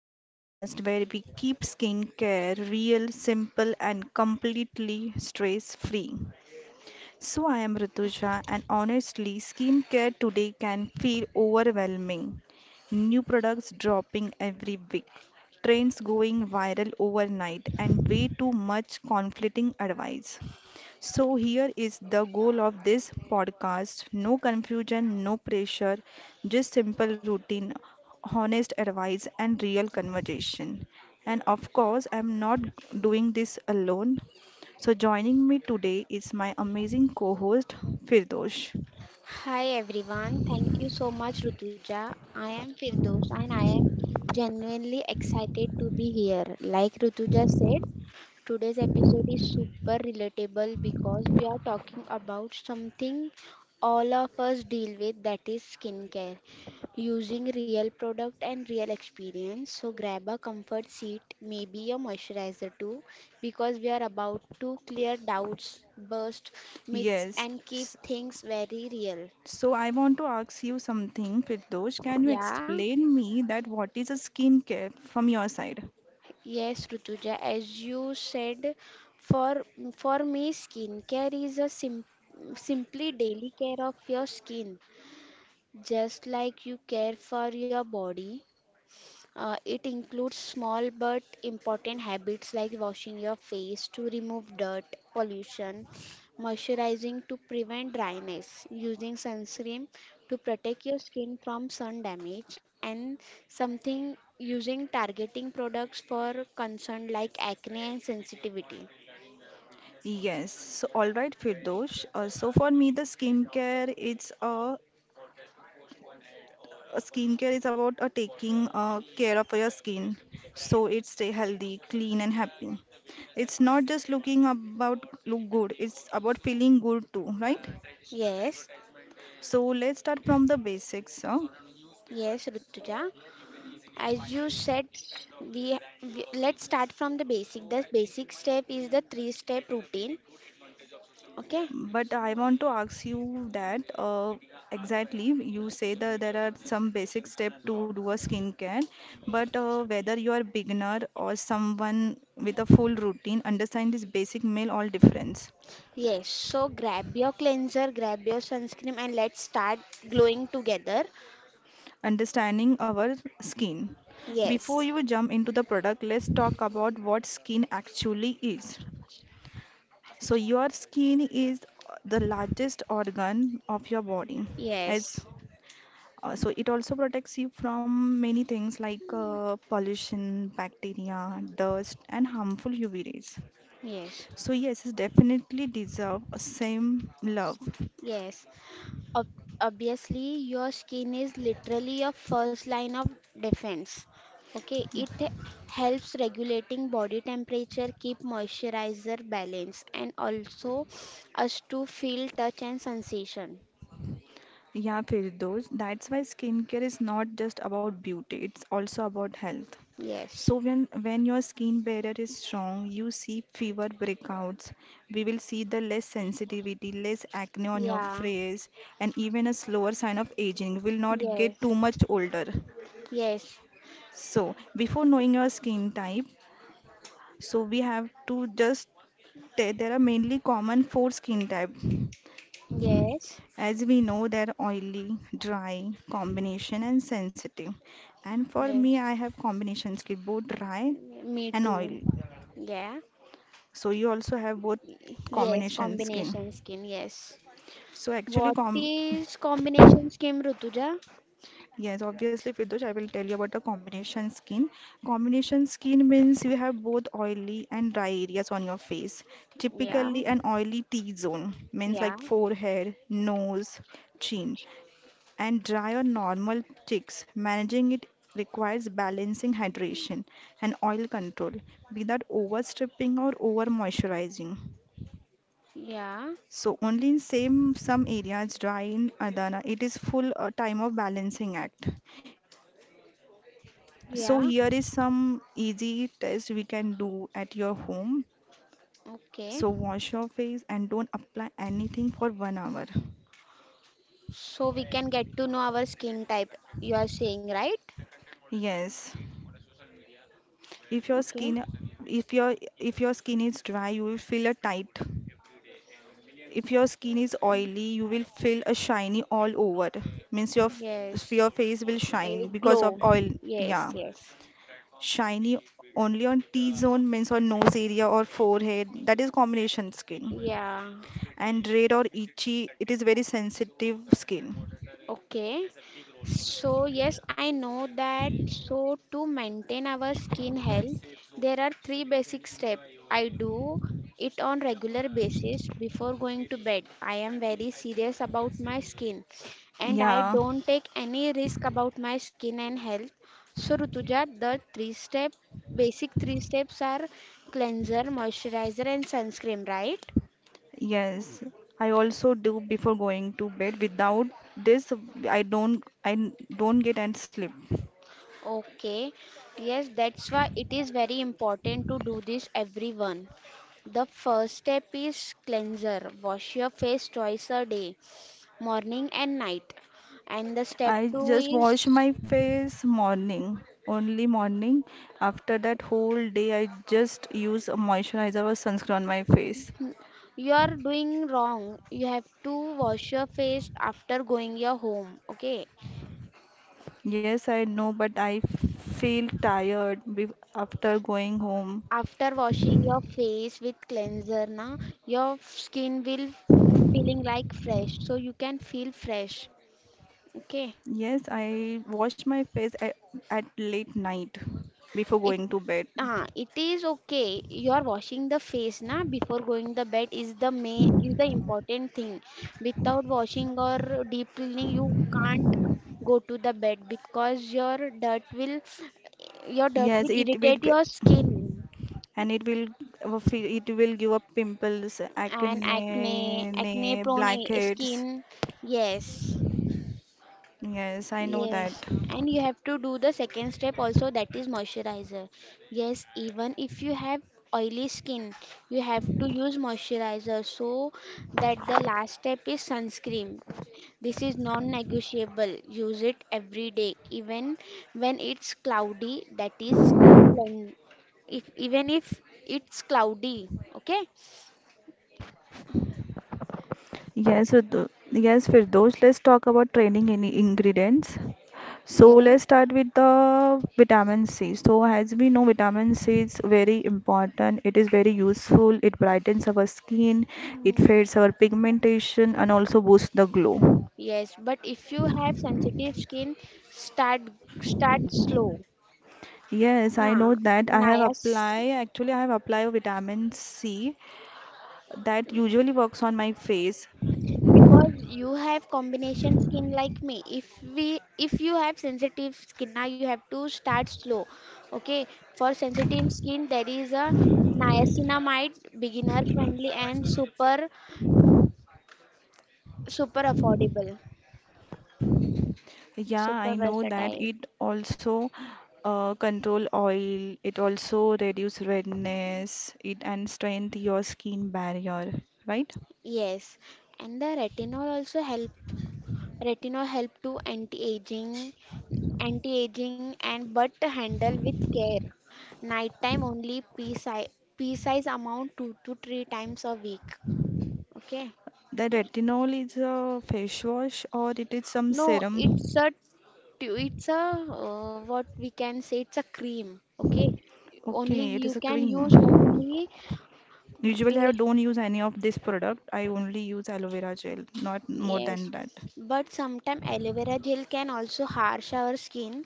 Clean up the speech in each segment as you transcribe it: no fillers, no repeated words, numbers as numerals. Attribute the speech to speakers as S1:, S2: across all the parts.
S1: the podcast where we keep skincare real, simple, and completely stress free. So I am Rituja, and honestly, skincare today can feel overwhelming. New products dropping every week, trends going viral overnight, and way too much conflicting advice. So, here is the goal of this podcast: no confusion, no pressure, just simple routine, honest advice, and real conversation. And of course, I'm not doing this alone. So, joining me today is my amazing co host, Firdosh.
S2: Hi everyone, thank you so much Rutuja. I am Firdos and I am genuinely excited to be here. Like Rutuja said, today's episode is super relatable because we are talking about something all of us deal with, that is skincare, using real product and real experience. So grab a comfort seat, maybe a moisturizer too, because we are about to clear doubts, burst myths,
S1: Yes,
S2: and keep things very real.
S1: so I want to ask you something, Firdosh. Can you
S2: Yeah,
S1: explain me that what is a skincare from your side?
S2: yes, Rutuja, as you said, for for me, skincare is a sim simply daily care of your skin, just like you care for your body. It includes small but important habits like washing your face to remove dirt, pollution, moisturizing to prevent dryness, using sunscreen to protect your skin from sun damage, and something using targeting products for concern like acne and sensitivity.
S1: Yes, so all right, Firdosh. So, for me, the skincare it's a skincare is about taking care of your skin so it stay healthy, clean, and happy. It's not just looking about look good, it's about feeling good too, right?
S2: Yes,
S1: So let's start from the basics. Huh?
S2: yes, Rutuja. As you said, we let's start from the basic. The basic step is the three step routine. Okay.
S1: But I want to ask you that exactly you say that there are some basic steps to do a skincare, but whether you are beginner or someone with a full routine, understand this basic meal all difference.
S2: Yes, so grab your cleanser, grab your sunscreen, and let's start glowing together.
S1: Understanding our skin. Before
S2: Yes,
S1: you jump into the product, let's talk about what skin actually is. So your skin is the largest organ of your body. As
S2: yes,
S1: So it also protects you from many things like pollution, bacteria, dust, and harmful UV rays.
S2: yes,
S1: So yes, it definitely deserve a same love.
S2: yes. Ob- obviously, your skin is literally your first line of defense. Okay, it helps regulating body temperature, keep moisturizer balance, and also us to feel touch and sensation.
S1: Yeah, Firdoz, that's why skincare is not just about beauty, it's also about health. So
S2: Yes,
S1: when your skin barrier is strong, you see fewer breakouts. We will see the less sensitivity, less acne on your
S2: yeah,
S1: face, and even a slower sign of aging. Will not get
S2: yes,
S1: too much older.
S2: yes,
S1: So, before knowing your skin type, so we have to just there are mainly common four skin type.
S2: yes.
S1: As we know, they're oily, dry, combination, and sensitive. And for me,
S2: Yes,
S1: I have combination skin, both dry
S2: me
S1: and
S2: too.
S1: oily.
S2: Yeah.
S1: So you also have both
S2: Yes,
S1: combination skin.
S2: combination skin. Yes.
S1: So actually,
S2: What
S1: com
S2: is combination skin, Rutuja?
S1: Yes, obviously, Fidush, I will tell you about the combination skin. Combination skin means you have both oily and dry areas on your face.
S2: Yeah,
S1: Typically, an oily T-zone means
S2: yeah,
S1: like forehead, nose, chin, and dry or normal cheeks. Managing it requires balancing hydration and oil control without overstripping or over moisturizing.
S2: yeah,
S1: So only in same some areas dry in Adana, it is full time of balancing act. So
S2: yeah.
S1: here is some easy test we can do at your home.
S2: Okay.
S1: So wash your face and don't apply anything for one hour.
S2: So we can get to know our skin type, you are saying, right?
S1: Yes. If your
S2: Okay.
S1: skin if your skin is dry, you will feel a tight. If your skin is oily, you will feel a shiny all over. Means your
S2: Yes.
S1: face will shine
S2: A
S1: because of
S2: glow.
S1: oil.
S2: Yes,
S1: Yeah.
S2: yes.
S1: Shiny only on T zone means on nose area or forehead. That is combination skin.
S2: Yeah.
S1: And red or itchy, it is very sensitive skin.
S2: Okay. So, yes, I know that. So, to maintain our skin health, there are three basic steps. I do it on regular basis before going to bed. I am very serious about my skin and I
S1: Yeah,
S2: don't take any risk about my skin and health. So, Rutuja, the three step basic three steps are cleanser, moisturizer and sunscreen, right?
S1: yes. I also do before going to bed. Without this, I don't get and sleep.
S2: Okay, yes, that's why it is very important to do this, everyone. The first step is cleanser. Wash your face twice a day, morning and night. And the step
S1: I
S2: two
S1: just wash
S2: is,
S1: my face morning, only morning. After that whole day, I just use a moisturizer or sunscreen on my face.
S2: you are doing wrong. You have to wash your face after going your home. Okay,
S1: Yes, I know, but I feel tired after going home.
S2: after washing your face with cleanser, na, your skin will feeling like fresh, so you can feel fresh. Okay.
S1: Yes, I wash my face at late night before
S2: It
S1: going to bed.
S2: it is okay. You are washing the face na before going the bed is the main is the important thing. Without washing or deep cleaning, you can't go to the bed because your dirt will your dirt
S1: Yes,
S2: will
S1: it will,
S2: irritate your skin
S1: and it will it will give up pimples,
S2: and acne
S1: acne,
S2: acne prone a-
S1: blackheads.
S2: skin. Yes.
S1: Yes, I know that.
S2: Yes, and you have to do the second step also, that is moisturizer. Yes, even if you have oily skin, you have to use moisturizer, so that the last step is sunscreen. This is non-negotiable. Use it every day, even when it's cloudy, that is clean. If even if it's cloudy, okay?
S1: Yes, so th Yes, Firdosh, let's talk about training in ingredients. So let's
S2: Yes.
S1: start with the vitamin C. So as we know, vitamin C is very important. It is very useful. It brightens our skin, it
S2: Mhm.
S1: fades our pigmentation, and also boosts the glow.
S2: Yes, but if you have sensitive skin, start start slow.
S1: Yes, I
S2: Yeah,
S1: know that.
S2: Naya's,
S1: I have applied vitamin C that usually works on my face.
S2: because you have combination skin like me. If you have sensitive skin now, you have to start slow. Okay, for sensitive skin there is a niacinamide, beginner friendly and super affordable,
S1: Yeah,
S2: super
S1: I know that
S2: versatile.
S1: it also control oil. It also reduce redness. It and strength your skin barrier, right?
S2: Yes, and the retinol also help. Retinol help to anti-aging and but handle with care. Nighttime only pea size amount two to three times a week. Okay.
S1: The retinol is a face wash or it is some
S2: No, it's
S1: serum?
S2: a tu- it's a what we can say it's a cream. Okay. Only
S1: Okay, it
S2: you
S1: is a
S2: can
S1: cream.
S2: use only
S1: Usually
S2: we.
S1: I don't use any of this product. I only use aloe vera gel, not more
S2: Yes,
S1: than that.
S2: but sometimes aloe vera gel can also harsh our skin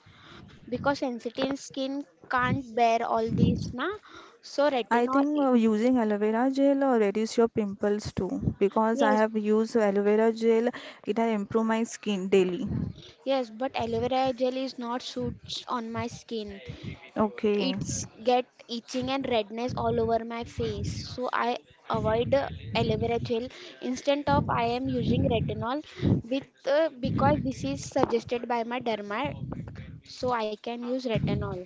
S2: because sensitive skin can't bear all this, na? So
S1: I
S2: retinol,
S1: think using aloe vera gel reduce your pimples too because I
S2: yes,
S1: have used aloe vera gel. It has improved my skin daily.
S2: yes, but aloe vera gel is not suits on my skin.
S1: Okay,
S2: It's get itching and redness all over my face. So I avoid aloe vera gel, instead of I am using retinol with because this is suggested by my derma, so I can use retinol.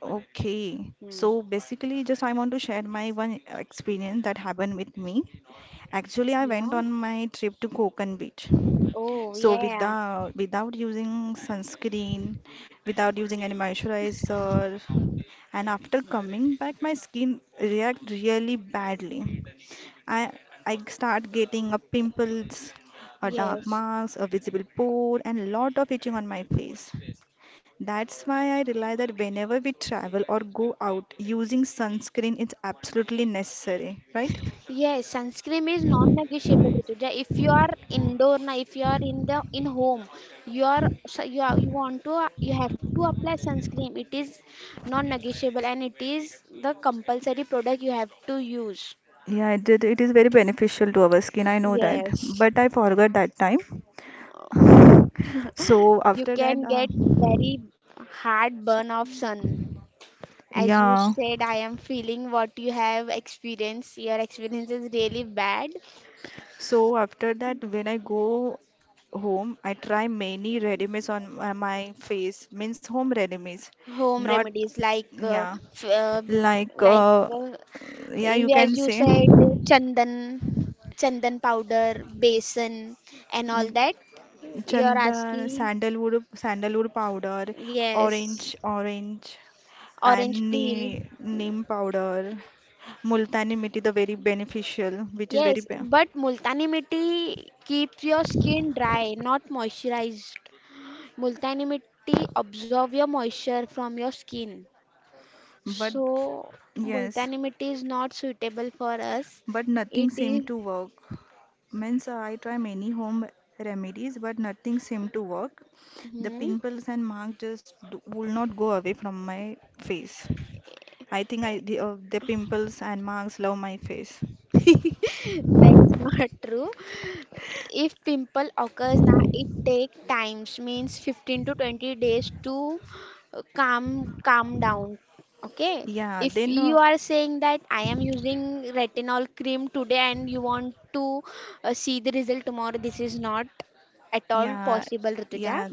S1: okay.
S2: Hmm.
S1: So basically, just I want to share my one experience that happened with me. Actually, I went
S2: Yeah.
S1: on my trip to Konkan Beach.
S2: Oh,
S1: So
S2: yeah.
S1: without using sunscreen, without using any moisturizer, and after coming back, my skin react really badly. I I start getting a pimples, a dark
S2: Yes.
S1: marks, a visible pore, and a lot of itching on my face. That's why I realize that whenever we travel or go out, using sunscreen is absolutely necessary, right?
S2: Yes, sunscreen is non-negotiable, Rituja. If you are indoor now, if you are in the in home, you are, so you are, you want to you have to apply sunscreen. It is non-negotiable and it is the compulsory product you have to use.
S1: Yeah, it did. It is very beneficial to our skin. I know that,
S2: Yes.
S1: but I forgot that time.
S2: Uh,
S1: So
S2: You
S1: after that,
S2: can get very hard
S1: s-
S2: burn of sun. As you
S1: yeah.
S2: said, I am feeling what you have experienced. Your experience is really bad.
S1: So after that, when I go home, I try many remedies on my face, means home remedies,
S2: Home
S1: not
S2: remedies like
S1: yeah,
S2: f- uh,
S1: like
S2: like uh,
S1: yeah, you
S2: as
S1: can
S2: you
S1: say.
S2: said, chandan chandan powder basin, and all
S1: Mm,
S2: that you're
S1: Chandan,
S2: asking,
S1: sandalwood, sandalwood powder, orange,
S2: yes,
S1: orange,
S2: orange
S1: and
S2: peel,
S1: neem, neem powder, multani mitti, the very beneficial, which is
S2: yes,
S1: very, be
S2: but multani mitti keeps your skin dry, not moisturized. Multani mitti absorb your moisture from your skin,
S1: but
S2: so
S1: yes,
S2: multani mitti is not suitable for us,
S1: but nothing
S2: it
S1: seemed
S2: is.
S1: to work. Means I try many home remedies, but nothing seemed to work. The
S2: Mhm.
S1: pimples and marks will not go away from my face. I think the pimples and marks love my face.
S2: That's not true. If pimple occurs now, it takes times means 15 to 20 days to calm down. Okay.
S1: Yeah,
S2: If
S1: then uh,
S2: you are saying that I am using retinol cream today and you want to see the result tomorrow, this is not at all
S1: Yeah,
S2: possible, Rituja.
S1: yeah,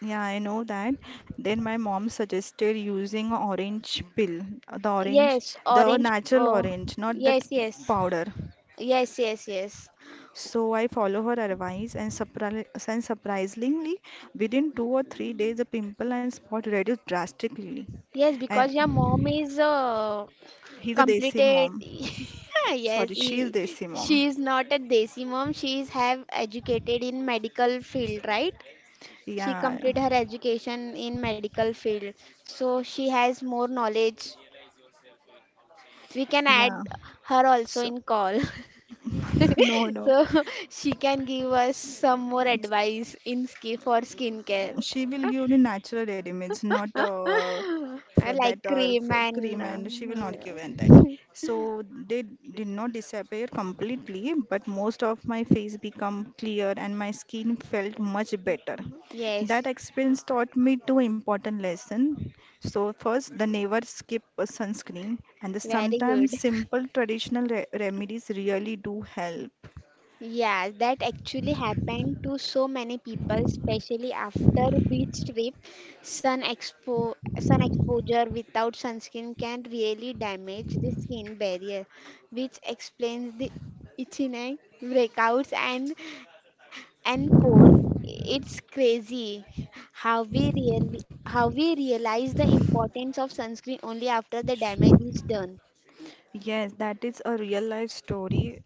S1: yeah, I know that. Then my mom suggested using a orange peel, uh, the orange,
S2: Yes,
S1: the
S2: orange.
S1: natural orange, not that
S2: Yes, yes,
S1: powder.
S2: yes, yes, yes.
S1: So I follow her advice and, surprisingly, within two or three days, the pimple and spot reduced drastically.
S2: Yes,
S1: And
S2: because your mom is
S1: he's a desi
S2: completed,
S1: mom. Sorry,
S2: yes,
S1: she is desi mom.
S2: she is not a desi mom, she is have educated in medical field, right? She
S1: Yeah,
S2: completed her education in medical field, so she has more knowledge, we can add
S1: yeah.
S2: her also
S1: So,
S2: in call.
S1: no, no.
S2: So she can give us some more advice in skin for skincare.
S1: She will give the natural remedies, not f-
S2: Like
S1: that
S2: cream
S1: f-
S2: and
S1: cream, and she will not give and that. So they did not disappear completely, but most of my face become clear and my skin felt much better.
S2: yes,
S1: That experience taught me two important lessons. So first, the never skip a sunscreen, and the
S2: very
S1: sometimes
S2: good.
S1: simple traditional remedies really do help.
S2: Yeah, that actually happened to so many people, especially after beach trip. Sun expo sun exposure without sunscreen can really damage the skin barrier, which explains the itching, breakouts, and pores. It's crazy how we realize the importance of sunscreen only after the
S1: Sure.
S2: damage is done.
S1: Yes, that is a real life story.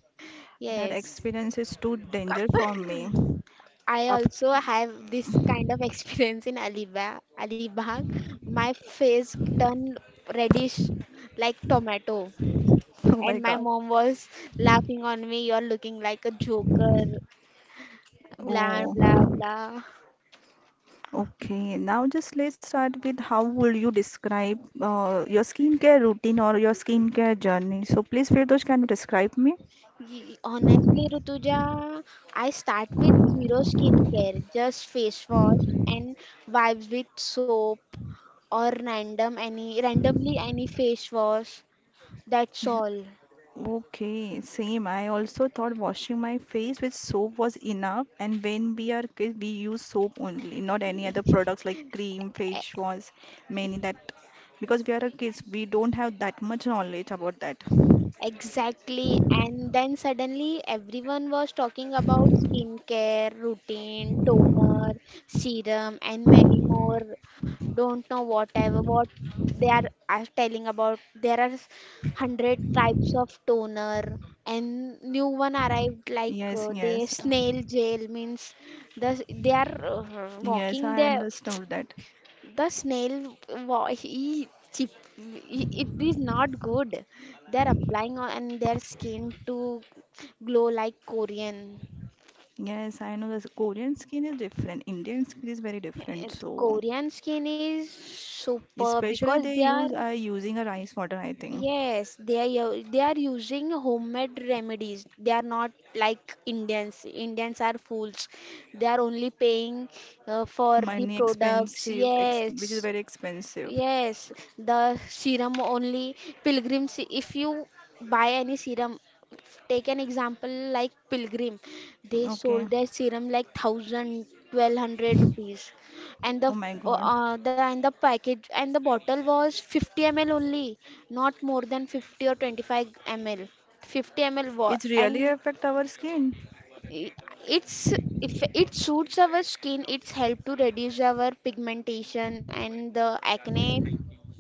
S1: That
S2: Yes.
S1: experience is too danger for me.
S2: I
S1: Up.
S2: also have this kind of experience in Alibag. Alibag, my face turned reddish like tomato,
S1: Oh my
S2: and my
S1: God.
S2: mom was laughing on me. You're looking like a joker, blah
S1: Oh,
S2: blah blah.
S1: okay. Now just let's start with how would you describe your skincare routine or your skincare journey? So please, Firdosh, can you describe me?
S2: Ye- Honestly, Rutuja, I start with zero skincare, just face wash and wipes with soap or randomly any face wash. That's
S1: Yeah.
S2: all.
S1: Okay, same. I also thought washing my face with soap was enough, and when we are kids, we use soap only, not any other products like cream, face wash, many that because we are a kids, we don't have that much knowledge about that.
S2: Exactly, and then suddenly everyone was talking about skincare, routine, toner, serum, and many more. Don't know what they are telling about. There are hundred types of toner, and new one arrived like
S1: Yes,
S2: the
S1: yes.
S2: snail gel means the they are
S1: Yes,
S2: walking
S1: I
S2: there,
S1: understood that.
S2: the snail, wa- he, chip, he- it is not good. They're applying on their skin to glow like Korean.
S1: Yes, I know that Korean skin is different. Indian skin is very different.
S2: And
S1: So,
S2: Korean skin is super
S1: especially
S2: because
S1: they
S2: they are,
S1: use are using a rice water, I think.
S2: yes they are using homemade remedies. They are not like Indians. Indians are fools. They are only paying for the
S1: Money
S2: products.
S1: expensive, ex
S2: Yes.
S1: which is very expensive.
S2: Yes, the serum only pilgrims. If you buy any serum, take an example like pilgrim, they
S1: Okay.
S2: sold their serum like thousand, 1200 rupees, and
S1: Oh my God.
S2: the and the package and the bottle was 50 ml only, not more than 50 or 25 ml. 50 ml wa-
S1: It's really
S2: and
S1: affect our skin.
S2: it, it's, if it suits our skin, it's help to reduce our pigmentation and the acne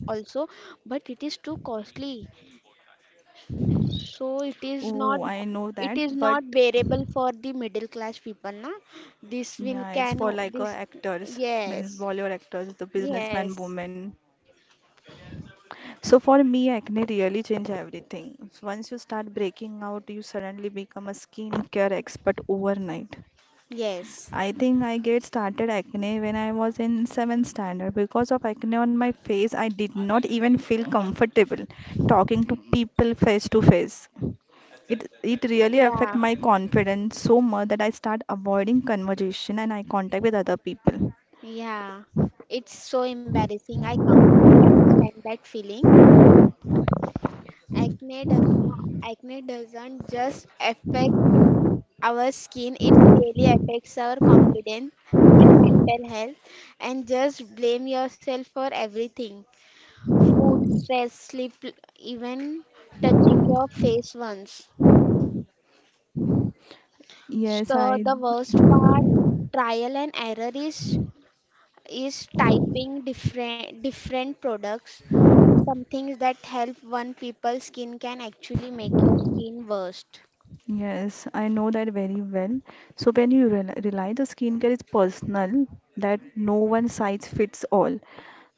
S2: also, but it is too costly, so it is not
S1: Oh, I
S2: g-
S1: know
S2: it
S1: that,
S2: is
S1: but
S2: not bearable for the middle class people, na, this will
S1: yeah, it's
S2: can
S1: for
S2: o-
S1: like
S2: this.
S1: actors, means
S2: Yes,
S1: Bollywood actors, the
S2: yes,
S1: businessman woman. So for me, acne really changed everything. Once you start breaking out, you suddenly become a skincare expert overnight.
S2: yes,
S1: I think I get started acne when I was in seventh standard. Because of acne on my face, I did not even feel comfortable talking to people face to face. It really affect
S2: yeah,
S1: my confidence so much that I start avoiding conversation and eye contact with other people.
S2: yeah, it's so embarrassing. I completely understand that feeling. Acne doesn't just affect our skin, it really affects our confidence and mental health. And just blame yourself for everything, food, stress, sleep, even touching your face once.
S1: Yes,
S2: So,
S1: I
S2: the worst part, trial and error is typing different products. Some things that help one people's skin can actually make your skin worst.
S1: Yes, I know that very well. So when you rely the skincare is personal, that no one size fits all.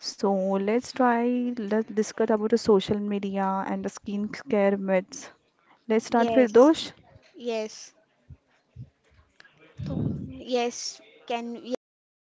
S1: So let's try, let's discuss about the social media and the skincare myths. Let's start with
S2: Yes,
S1: Firdosh.
S2: yes, तो- yes, can, yes we can.